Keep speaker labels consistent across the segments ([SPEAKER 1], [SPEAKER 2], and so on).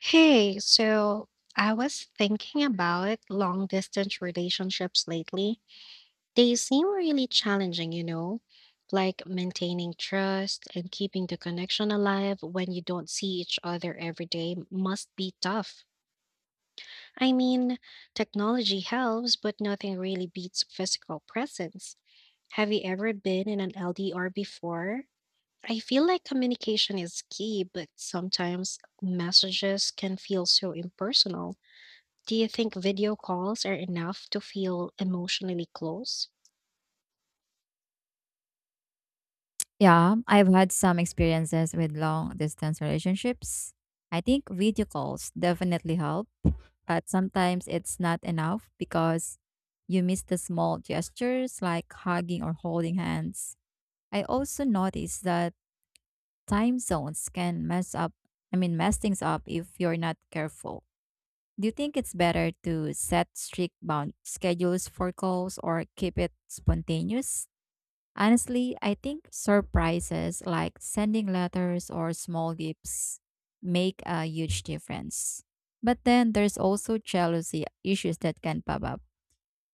[SPEAKER 1] Hey, so I was thinking about long distance relationships lately. They seem really challenging, you know, like maintaining trust and keeping the connection alive when you don't see each other every day must be tough. I mean, technology helps, but nothing really beats physical presence. Have you ever been in an LDR before? I feel like communication is key, but sometimes messages can feel so impersonal. Do you think video calls are enough to feel emotionally close?
[SPEAKER 2] Yeah, I've had some experiences with long distance relationships. I think video calls definitely help, but sometimes it's not enough because you miss the small gestures like hugging or holding hands. I also noticed that time zones can mess up, I mean, mess things up if you're not careful. Do you think it's better to set strict bound schedules for calls or keep it spontaneous? Honestly, I think surprises like sending letters or small gifts make a huge difference. But then there's also jealousy issues that can pop up.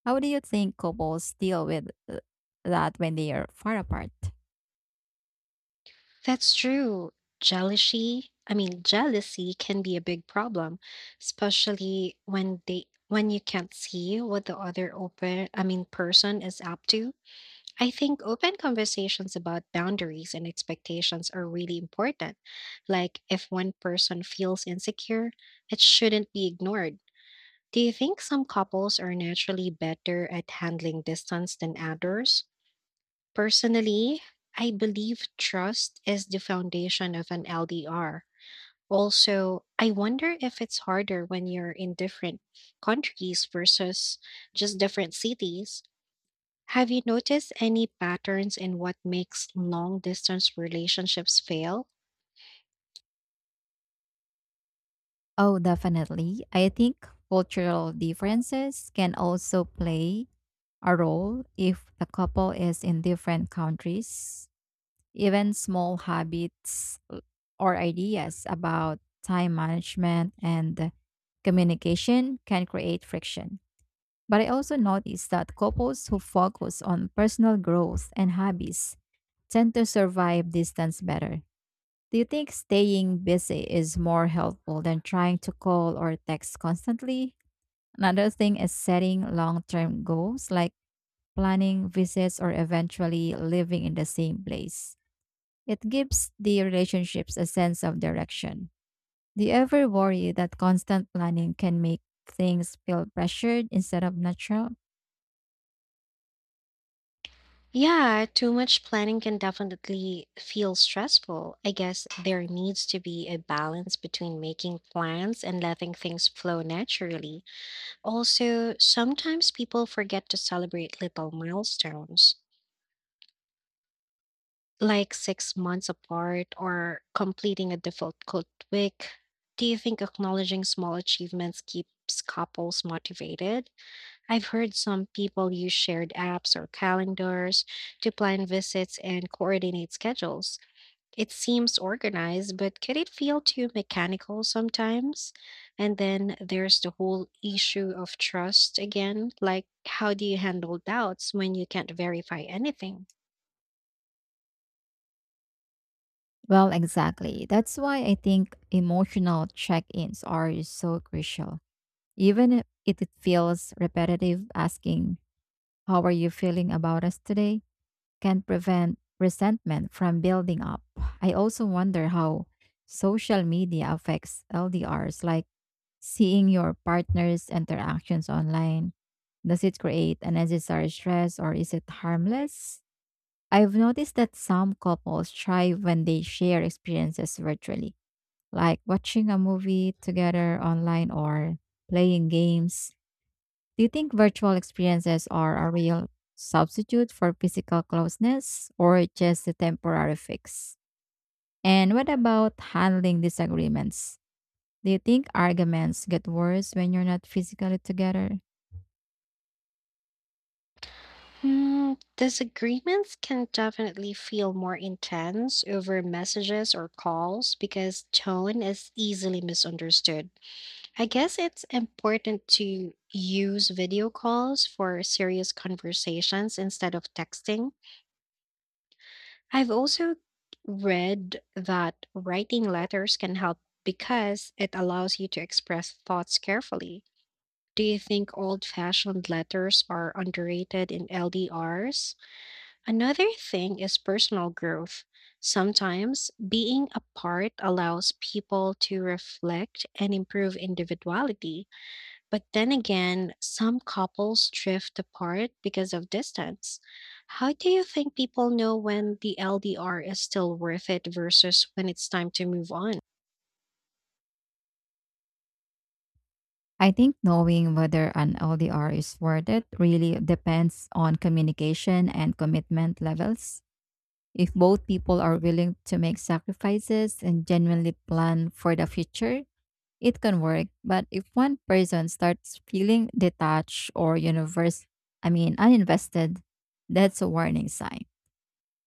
[SPEAKER 2] How do you think couples deal with that when they are far apart?
[SPEAKER 1] That's true. Jealousy can be a big problem, especially when you can't see what the other person is up to. I think open conversations about boundaries and expectations are really important. Like if one person feels insecure, it shouldn't be ignored. Do you think some couples are naturally better at handling distance than others? Personally, I believe trust is the foundation of an LDR. Also, I wonder if it's harder when you're in different countries versus just different cities. Have you noticed any patterns in what makes long distance relationships fail?
[SPEAKER 2] Oh, definitely. I think cultural differences can also play a role if the couple is in different countries. Even small habits l- Or ideas about time management and communication can create friction. But I also noticed that couples who focus on personal growth and hobbies tend to survive distance better. Do you think staying busy is more helpful than trying to call or text constantly? Another thing is setting long term goals like planning visits or eventually living in the same place. It gives the relationships a sense of direction. Do you ever worry that constant planning can make things feel pressured instead of natural?
[SPEAKER 1] Yeah, too much planning can definitely feel stressful. I guess there needs to be a balance between making plans and letting things flow naturally. Also, sometimes people forget to celebrate little milestones, like six months apart or completing a difficult week. Do you think acknowledging small achievements keeps couples motivated? I've heard some people use shared apps or calendars to plan visits and coordinate schedules. It seems organized, but could it feel too mechanical sometimes? And then there's the whole issue of trust again. Like, how do you handle doubts when you can't verify anything?
[SPEAKER 2] Well, exactly. That's why I think emotional check ins are so crucial. Even if it feels repetitive, asking, "How are you feeling about us today?" can prevent resentment from building up. I also wonder how social media affects LDRs, like seeing your partner's interactions online. Does it create unnecessary stress or is it harmless? I've noticed that some couples thrive when they share experiences virtually, like watching a movie together online or playing games. Do you think virtual experiences are a real substitute for physical closeness or just a temporary fix? And what about handling disagreements? Do you think arguments get worse when you're not physically together?
[SPEAKER 1] Hmm, disagreements can definitely feel more intense over messages or calls because tone is easily misunderstood. I guess it's important to use video calls for serious conversations instead of texting. I've also read that writing letters can help because it allows you to express thoughts carefully. Do you think old fashioned letters are underrated in LDRs? Another thing is personal growth. Sometimes being apart allows people to reflect and improve individuality. But then again, some couples drift apart because of distance. How do you think people know when the LDR is still worth it versus when it's time to move on?
[SPEAKER 2] I think knowing whether an LDR is worth it really depends on communication and commitment levels. If both people are willing to make sacrifices and genuinely plan for the future, it can work. But if one person starts feeling detached or uninvested, that's a warning sign.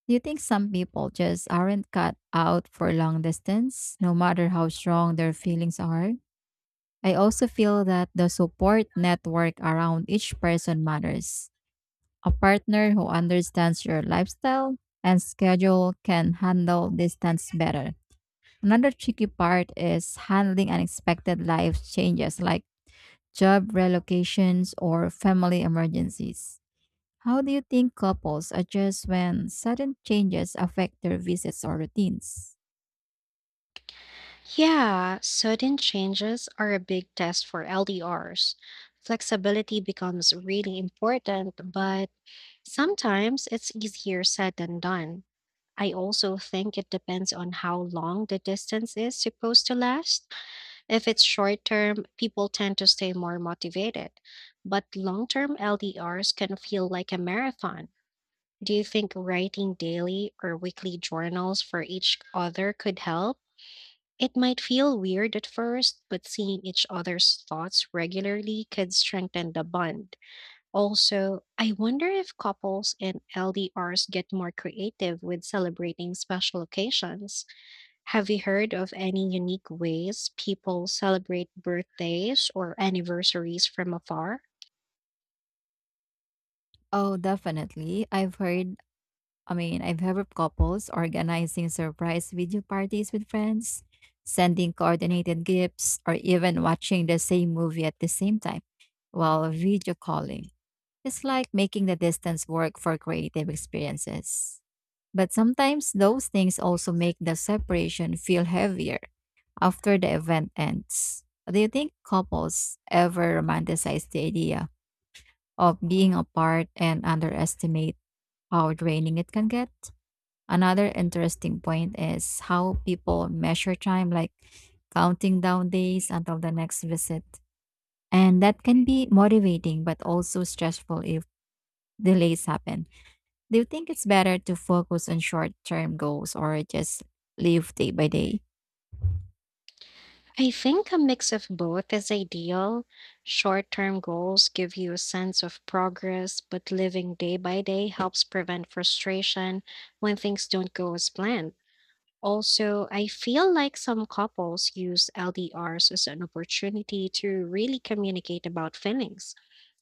[SPEAKER 2] Do you think some people just aren't cut out for long distance, no matter how strong their feelings are? I also feel that the support network around each person matters. A partner who understands your lifestyle and schedule can handle distance better. Another tricky part is handling unexpected life changes like job relocations or family emergencies. How do you think couples adjust when sudden changes affect their visits or routines?
[SPEAKER 1] Yeah, sudden changes are a big test for LDRs. Flexibility becomes really important, but sometimes it's easier said than done. I also think it depends on how long the distance is supposed to last. If it's short term, people tend to stay more motivated, but long term LDRs can feel like a marathon. Do you think writing daily or weekly journals for each other could help? It might feel weird at first, but seeing each other's thoughts regularly could strengthen the bond. Also, I wonder if couples in LDRs get more creative with celebrating special occasions. Have you heard of any unique ways people celebrate birthdays or anniversaries from afar?
[SPEAKER 2] Oh, definitely. I've heard of couples organizing surprise video parties with friends, sending coordinated gifts, or even watching the same movie at the same time while video calling. It's like making the distance work for creative experiences. But sometimes those things also make the separation feel heavier after the event ends. Do you think couples ever romanticize the idea of being apart and underestimate how draining it can get? Another interesting point is how people measure time, like counting down days until the next visit. And that can be motivating, but also stressful if delays happen. Do you think it's better to focus on short term goals or just live day by day?
[SPEAKER 1] I think a mix of both is ideal. Short term goals give you a sense of progress, but living day by day helps prevent frustration when things don't go as planned. Also, I feel like some couples use LDRs as an opportunity to really communicate about feelings,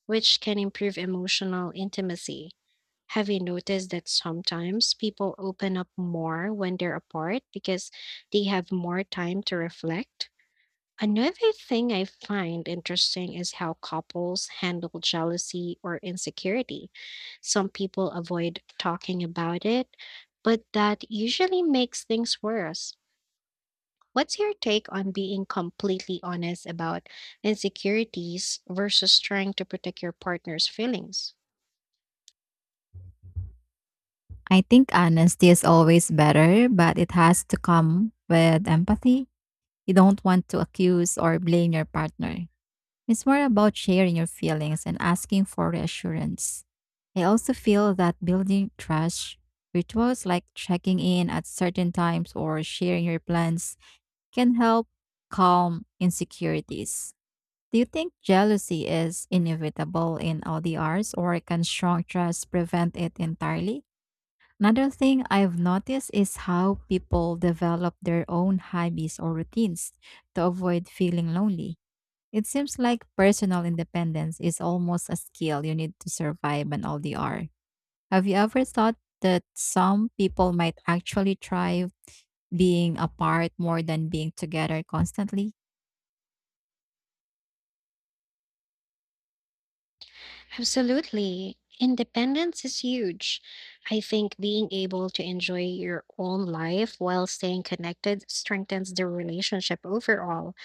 [SPEAKER 1] which can improve emotional intimacy. Have you noticed that sometimes people open up more when they're apart because they have more time to reflect? Another thing I find interesting is how couples handle jealousy or insecurity. Some people avoid talking about it, but that usually makes things worse. What's your take on being completely honest about insecurities versus trying to protect your partner's feelings?
[SPEAKER 2] I think honesty is always better, but it has to come with empathy. You don't want to accuse or blame your partner. It's more about sharing your feelings and asking for reassurance. I also feel that building trust, rituals like checking in at certain times or sharing your plans, can help calm insecurities. Do you think jealousy is inevitable in ODRs or can strong trust prevent it entirely? Another thing I've noticed is how people develop their own hobbies or routines to avoid feeling lonely. It seems like personal independence is almost a skill you need to survive an LDR. Have you ever thought that some people might actually thrive being apart more than being together constantly?
[SPEAKER 1] Absolutely. Independence is huge. I think being able to enjoy your own life while staying connected strengthens the relationship overall.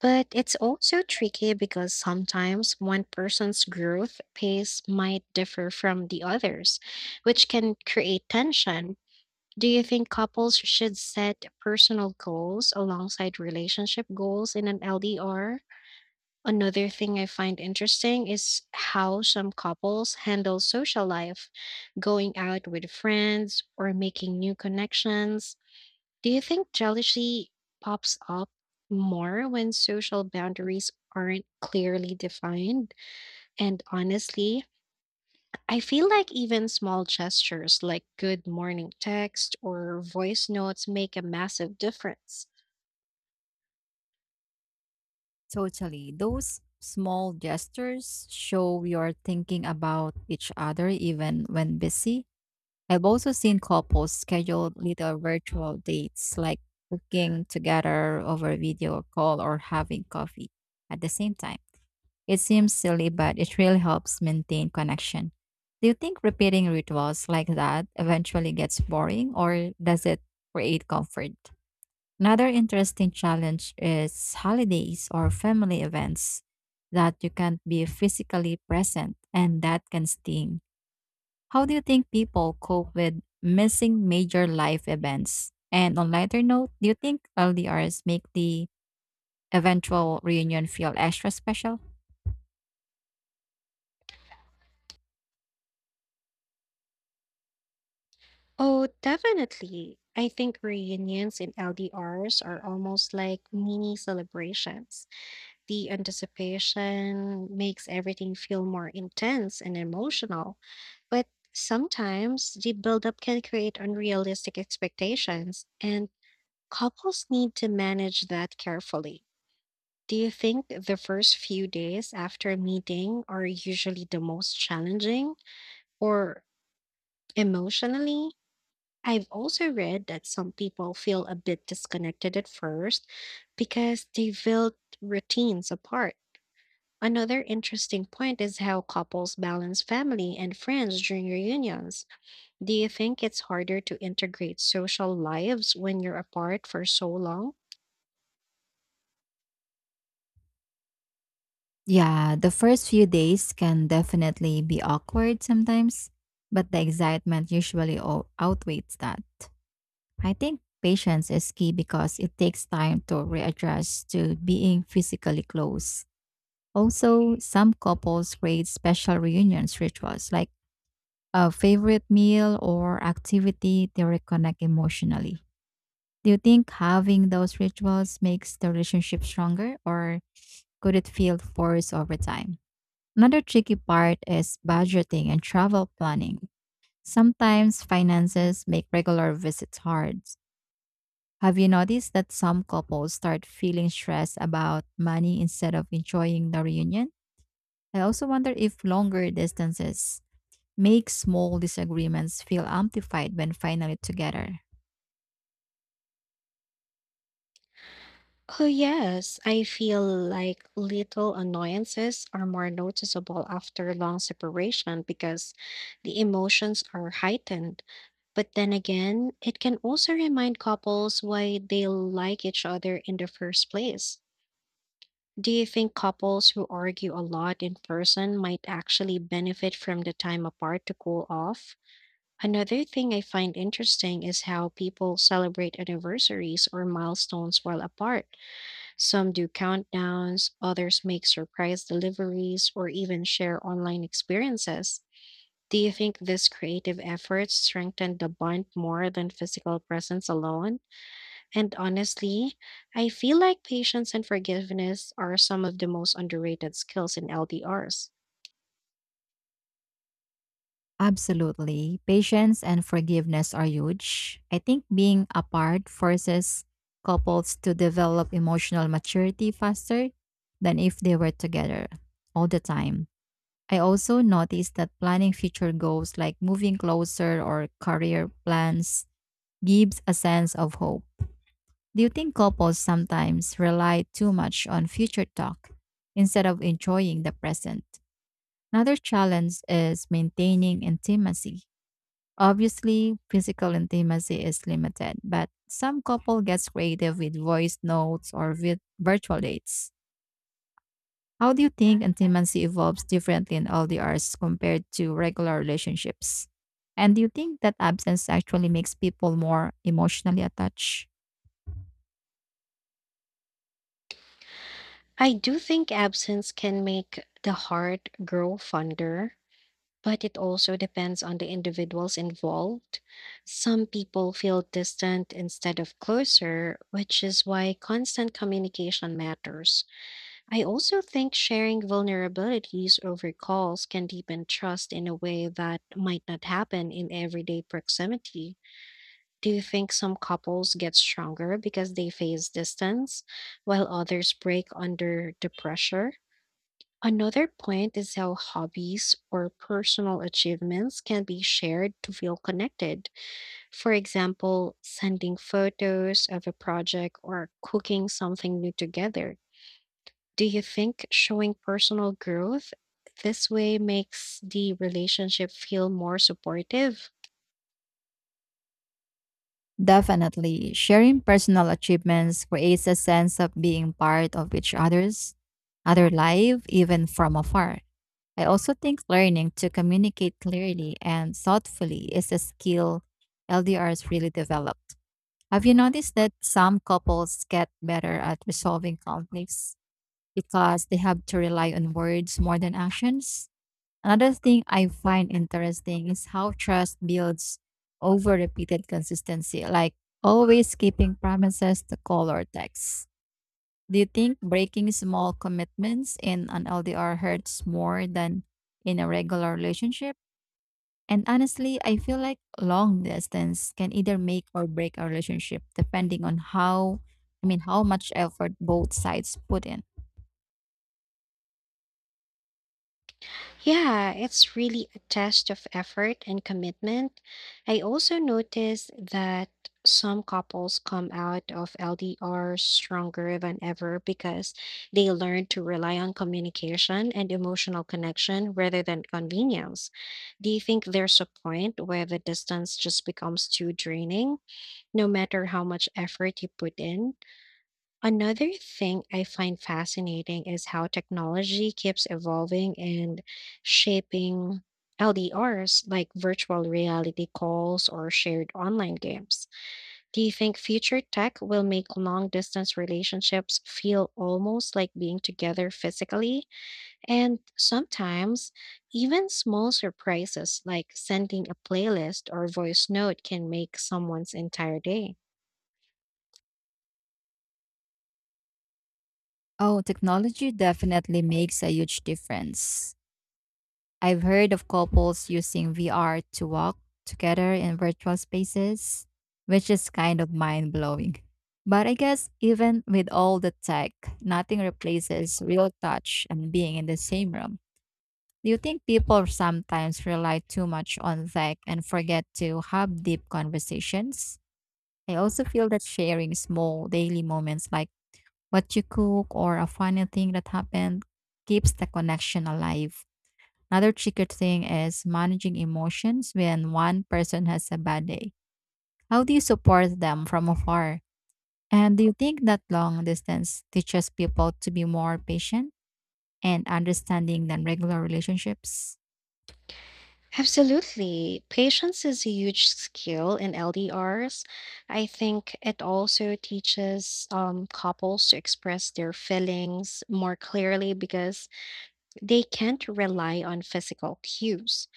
[SPEAKER 1] But it's also tricky because sometimes one person's growth pace might differ from the others, which can create tension. Do you think couples should set personal goals alongside relationship goals in an LDR? Another thing I find interesting is how some couples handle social life, going out with friends or making new connections. Do you think jealousy pops up more when social boundaries aren't clearly defined? And honestly, I feel like even small gestures like good morning text or voice notes make a massive difference.
[SPEAKER 2] Totally. Those small gestures show you're thinking about each other even when busy. I've also seen couples schedule little virtual dates like cooking together over video call or having coffee at the same time. It seems silly, but it really helps maintain connection. Do you think repeating rituals like that eventually gets boring or does it create comfort? Another interesting challenge is holidays or family events that you can't be physically present, and that can sting. How do you think people cope with missing major life events? And on lighter note, do you think LDRs make the eventual reunion feel extra special?
[SPEAKER 1] Oh, definitely. I think reunions in LDRs are almost like mini celebrations. The anticipation makes everything feel more intense and emotional, but sometimes the buildup can create unrealistic expectations, and couples need to manage that carefully. Do you think the first few days after a meeting are usually the most challenging or emotionally? I've also read that some people feel a bit disconnected at first because they built routines apart. Another interesting point is how couples balance family and friends during reunions. Do you think it's harder to integrate social lives when you're apart for so long?
[SPEAKER 2] Yeah, the first few days can definitely be awkward sometimes, but the excitement usually outweighs that. I think patience is key because it takes time to readjust to being physically close. Also, some couples create special reunions rituals like a favorite meal or activity to reconnect emotionally. Do you think having those rituals makes the relationship stronger or could it feel forced over time? Another tricky part is budgeting and travel planning. Sometimes finances make regular visits hard. Have you noticed that some couples start feeling stressed about money instead of enjoying the reunion? I also wonder if longer distances make small disagreements feel amplified when finally together.
[SPEAKER 1] Oh, yes. I feel like little annoyances are more noticeable after a long separation because the emotions are heightened. But then again, it can also remind couples why they like each other in the first place. Do you think couples who argue a lot in person might actually benefit from the time apart to cool off? Another thing I find interesting is how people celebrate anniversaries or milestones while apart. Some do countdowns, others make surprise deliveries, or even share online experiences. Do you think these creative efforts strengthen the bond more than physical presence alone? And honestly, I feel like patience and forgiveness are some of the most underrated skills in LDRs.
[SPEAKER 2] Absolutely. Patience and forgiveness are huge. I think being apart forces couples to develop emotional maturity faster than if they were together all the time. I also noticed that planning future goals like moving closer or career plans gives a sense of hope. Do you think couples sometimes rely too much on future talk instead of enjoying the present? Another challenge is maintaining intimacy. Obviously, physical intimacy is limited, but some couple gets creative with voice notes or with virtual dates. How do you think intimacy evolves differently in LDRs compared to regular relationships? And do you think that absence actually makes people more emotionally attached?
[SPEAKER 1] I do think absence can make the heart grow fonder, but it also depends on the individuals involved. Some people feel distant instead of closer, which is why constant communication matters. I also think sharing vulnerabilities over calls can deepen trust in a way that might not happen in everyday proximity. Do you think some couples get stronger because they face distance, while others break under the pressure? Another point is how hobbies or personal achievements can be shared to feel connected. For example, sending photos of a project or cooking something new together. Do you think showing personal growth this way makes the relationship feel more supportive?
[SPEAKER 2] Definitely. Sharing personal achievements creates a sense of being part of each other's other life, even from afar. I also think learning to communicate clearly and thoughtfully is a skill LDRs really developed. Have you noticed that some couples get better at resolving conflicts because they have to rely on words more than actions? Another thing I find interesting is how trust builds over repeated consistency, like always keeping promises to call or text. Do you think breaking small commitments in an LDR hurts more than in a regular relationship? And honestly, I feel like long distance can either make or break a relationship depending on how much effort both sides put in.
[SPEAKER 1] Yeah, it's really a test of effort and commitment. I also noticed that some couples come out of LDR stronger than ever because they learn to rely on communication and emotional connection rather than convenience. Do you think there's a point where the distance just becomes too draining, no matter how much effort you put in? Another thing I find fascinating is how technology keeps evolving and shaping LDRs, like virtual reality calls or shared online games. Do you think future tech will make long distance relationships feel almost like being together physically? And sometimes, even small surprises like sending a playlist or voice note can make someone's entire day.
[SPEAKER 2] Oh, technology definitely makes a huge difference. I've heard of couples using VR to walk together in virtual spaces, which is kind of mind blowing. But I guess even with all the tech, nothing replaces real touch and being in the same room. Do you think people sometimes rely too much on tech and forget to have deep conversations? I also feel that sharing small daily moments like what you cook or a funny thing that happened keeps the connection alive. Another tricky thing is managing emotions when one person has a bad day. How do you support them from afar? And do you think that long distance teaches people to be more patient and understanding than regular relationships?
[SPEAKER 1] Absolutely. Patience is a huge skill in LDRs. I think it also teaches couples to express their feelings more clearly because they can't rely on physical cues.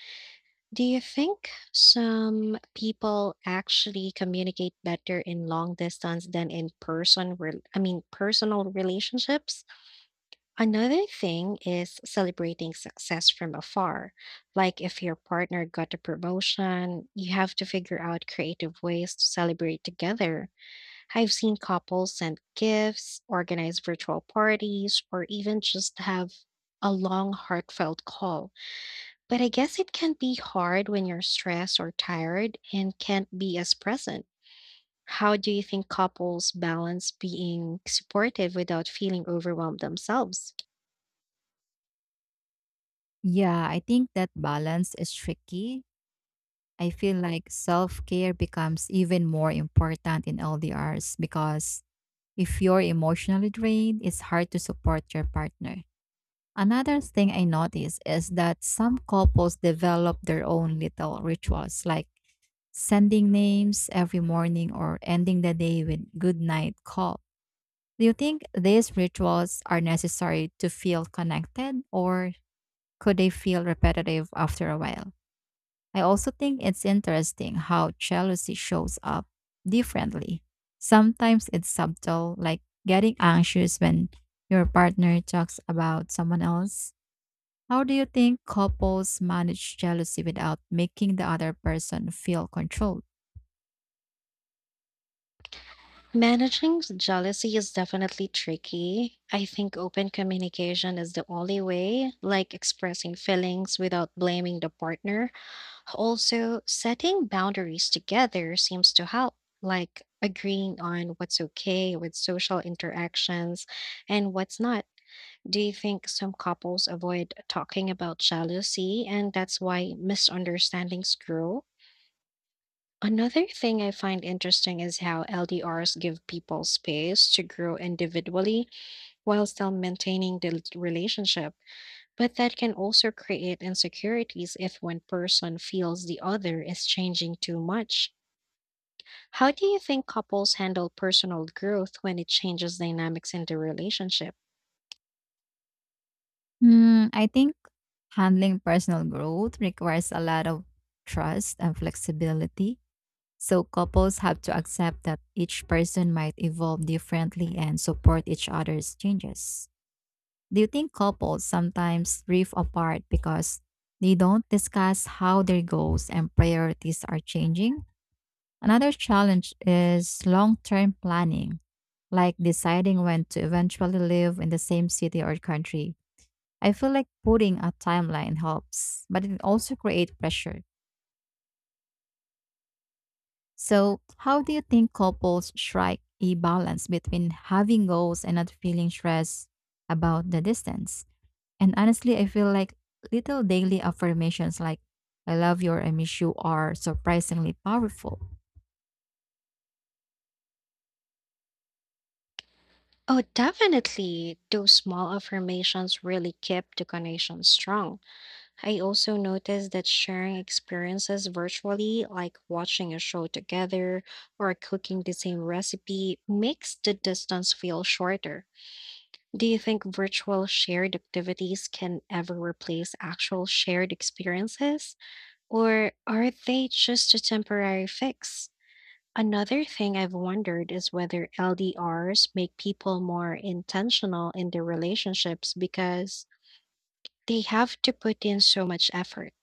[SPEAKER 1] Do you think some people actually communicate better in long distance than in person personal relationships? Another thing is celebrating success from afar. Like if your partner got a promotion, you have to figure out creative ways to celebrate together. I've seen couples send gifts, organize virtual parties, or even just have a long, heartfelt call. But I guess it can be hard when you're stressed or tired and can't be as present. How do you think couples balance being supportive without feeling overwhelmed themselves?
[SPEAKER 2] Yeah, I think that balance is tricky. I feel like self care becomes even more important in LDRs because if you're emotionally drained, it's hard to support your partner. Another thing I notice is that some couples develop their own little rituals like sending names every morning or ending the day with good night call. Do you think these rituals are necessary to feel connected or could they feel repetitive after a while? I also think it's interesting how jealousy shows up differently. Sometimes it's subtle, like getting anxious when your partner talks about someone else. How do you think couples manage jealousy without making the other person feel controlled?
[SPEAKER 1] Managing jealousy is definitely tricky. I think open communication is the only way, like expressing feelings without blaming the partner. Also, setting boundaries together seems to help, like agreeing on what's okay with social interactions and what's not. Do you think some couples avoid talking about jealousy and that's why misunderstandings grow? Another thing I find interesting is how LDRs give people space to grow individually while still maintaining the relationship, but that can also create insecurities if one person feels the other is changing too much. How do you think couples handle personal growth when it changes dynamics in the relationship?
[SPEAKER 2] Hmm, I think handling personal growth requires a lot of trust and flexibility. So, couples have to accept that each person might evolve differently and support each other's changes. Do you think couples sometimes drift apart because they don't discuss how their goals and priorities are changing? Another challenge is long term planning, like deciding when to eventually live in the same city or country. I feel like putting a timeline helps, but it also creates pressure. So, how do you think couples strike a balance between having goals and not feeling stressed about the distance? And honestly, I feel like little daily affirmations like "I love you" or "I miss you" are surprisingly powerful.
[SPEAKER 1] Oh, definitely. Those small affirmations really keep the connection strong. I also noticed that sharing experiences virtually, like watching a show together or cooking the same recipe, makes the distance feel shorter. Do you think virtual shared activities can ever replace actual shared experiences, or are they just a temporary fix? Another thing I've wondered is whether LDRs make people more intentional in their relationships because they have to put in so much effort.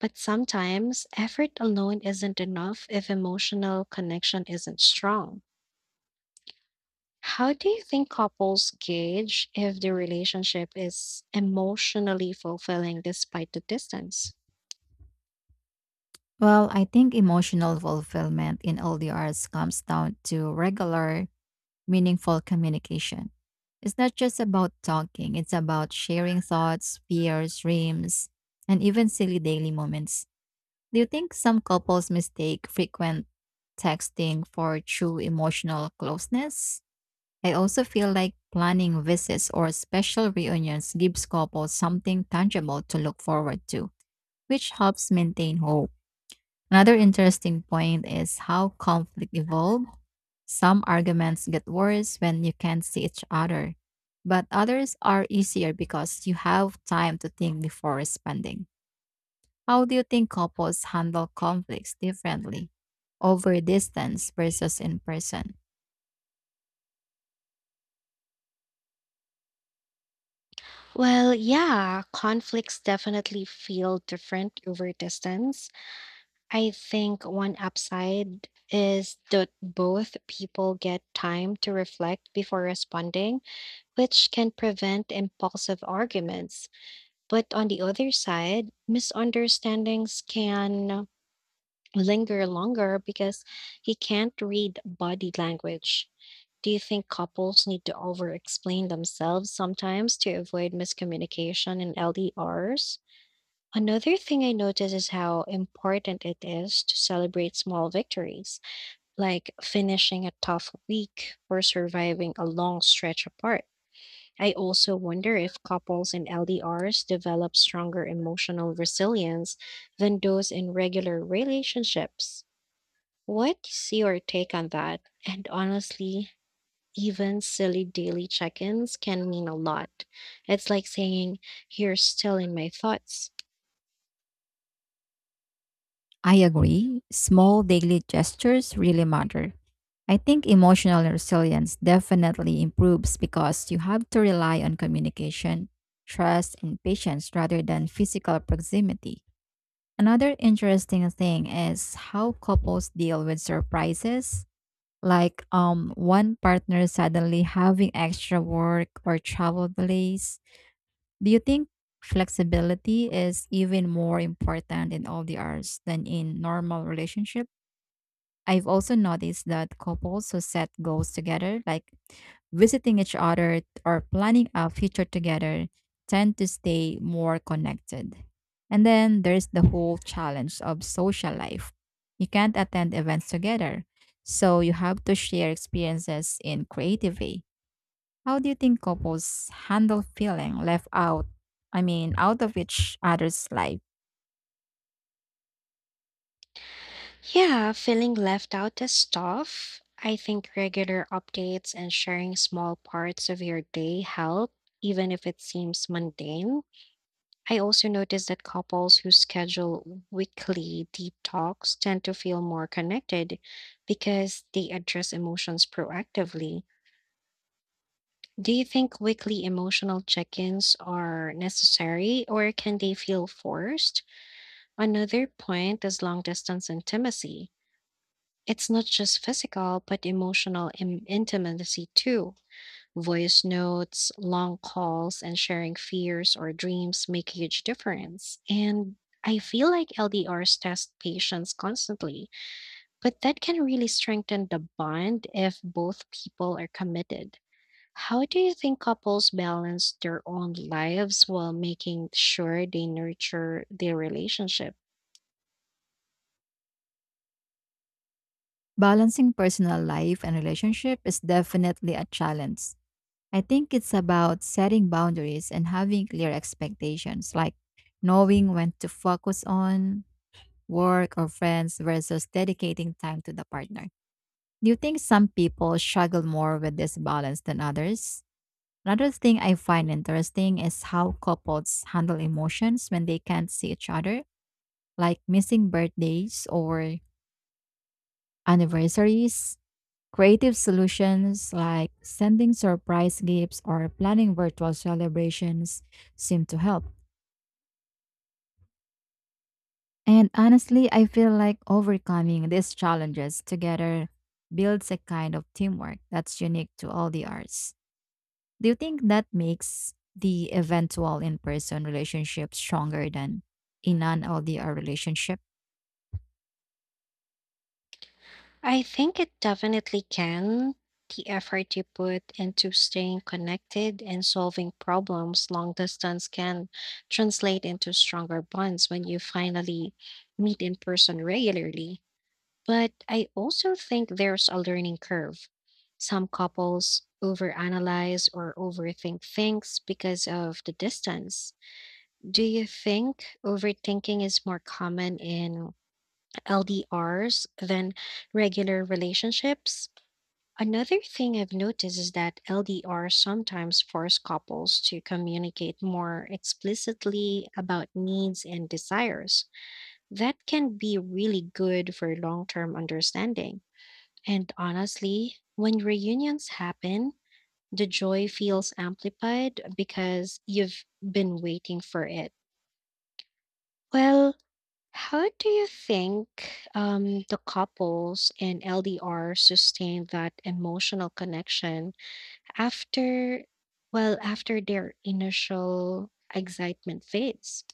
[SPEAKER 1] But sometimes effort alone isn't enough if emotional connection isn't strong. How do you think couples gauge if the relationship is emotionally fulfilling despite the distance?
[SPEAKER 2] Well, I think emotional fulfillment in LDRs comes down to regular meaningful communication. It's not just about talking, it's about sharing thoughts, fears, dreams, and even silly daily moments. Do you think some couples mistake frequent texting for true emotional closeness? I also feel like planning visits or special reunions gives couples something tangible to look forward to, which helps maintain hope. Another interesting point is how conflict evolved. Some arguments get worse when you can't see each other, but others are easier because you have time to think before responding. How do you think couples handle conflicts differently over distance versus in person?
[SPEAKER 1] Well, yeah, conflicts definitely feel different over distance. I think one upside is that both people get time to reflect before responding, which can prevent impulsive arguments. But on the other side, misunderstandings can linger longer because he can't read body language. Do you think couples need to over explain themselves sometimes to avoid miscommunication in LDRs? Another thing I notice is how important it is to celebrate small victories, like finishing a tough week or surviving a long stretch apart. I also wonder if couples in LDRs develop stronger emotional resilience than those in regular relationships. What's your take on that? And honestly, even silly daily check ins can mean a lot. It's like saying, "You're still in my thoughts."
[SPEAKER 2] I agree. Small daily gestures really matter. I think emotional resilience definitely improves because you have to rely on communication, trust, and patience rather than physical proximity. Another interesting thing is how couples deal with surprises, like one partner suddenly having extra work or travel delays. Do you think flexibility is even more important in all the arts than in normal relationships? I've also noticed that couples who set goals together, like visiting each other or planning a future together, tend to stay more connected. And then there's the whole challenge of social life. You can't attend events together, so you have to share experiences in creative way. How do you think couples handle feeling left out? I mean, out of each other's life.
[SPEAKER 1] Yeah, feeling left out is tough. I think regular updates and sharing small parts of your day help, even if it seems mundane. I also noticed that couples who schedule weekly deep talks tend to feel more connected because they address emotions proactively. Do you think weekly emotional check ins are necessary or can they feel forced? Another point is long distance intimacy. It's not just physical, but emotional intimacy too. Voice notes, long calls, and sharing fears or dreams make a huge difference. And I feel like LDRs test patience constantly, but that can really strengthen the bond if both people are committed. How do you think couples balance their own lives while making sure they nurture their relationship?
[SPEAKER 2] Balancing personal life and relationship is definitely a challenge. I think it's about setting boundaries and having clear expectations, like knowing when to focus on work or friends versus dedicating time to the partner. Do you think some people struggle more with this balance than others? Another thing I find interesting is how couples handle emotions when they can't see each other, like missing birthdays or anniversaries. Creative solutions like sending surprise gifts or planning virtual celebrations seem to help. And honestly, I feel like overcoming these challenges together builds a kind of teamwork that's unique to all the arts. Do you think that makes the eventual in person relationship stronger than a non LDR relationship?
[SPEAKER 1] I think it definitely can. The effort you put into staying connected and solving problems long distance can translate into stronger bonds when you finally meet in person regularly. But I also think there's a learning curve. Some couples overanalyze or overthink things because of the distance. Do you think overthinking is more common in LDRs than regular relationships? Another thing I've noticed is that LDRs sometimes force couples to communicate more explicitly about needs and desires. That can be really good for long term understanding. And honestly, when reunions happen, the joy feels amplified because you've been waiting for it. Well, how do you think the couples in LDR sustain that emotional connection after, after their initial excitement fades?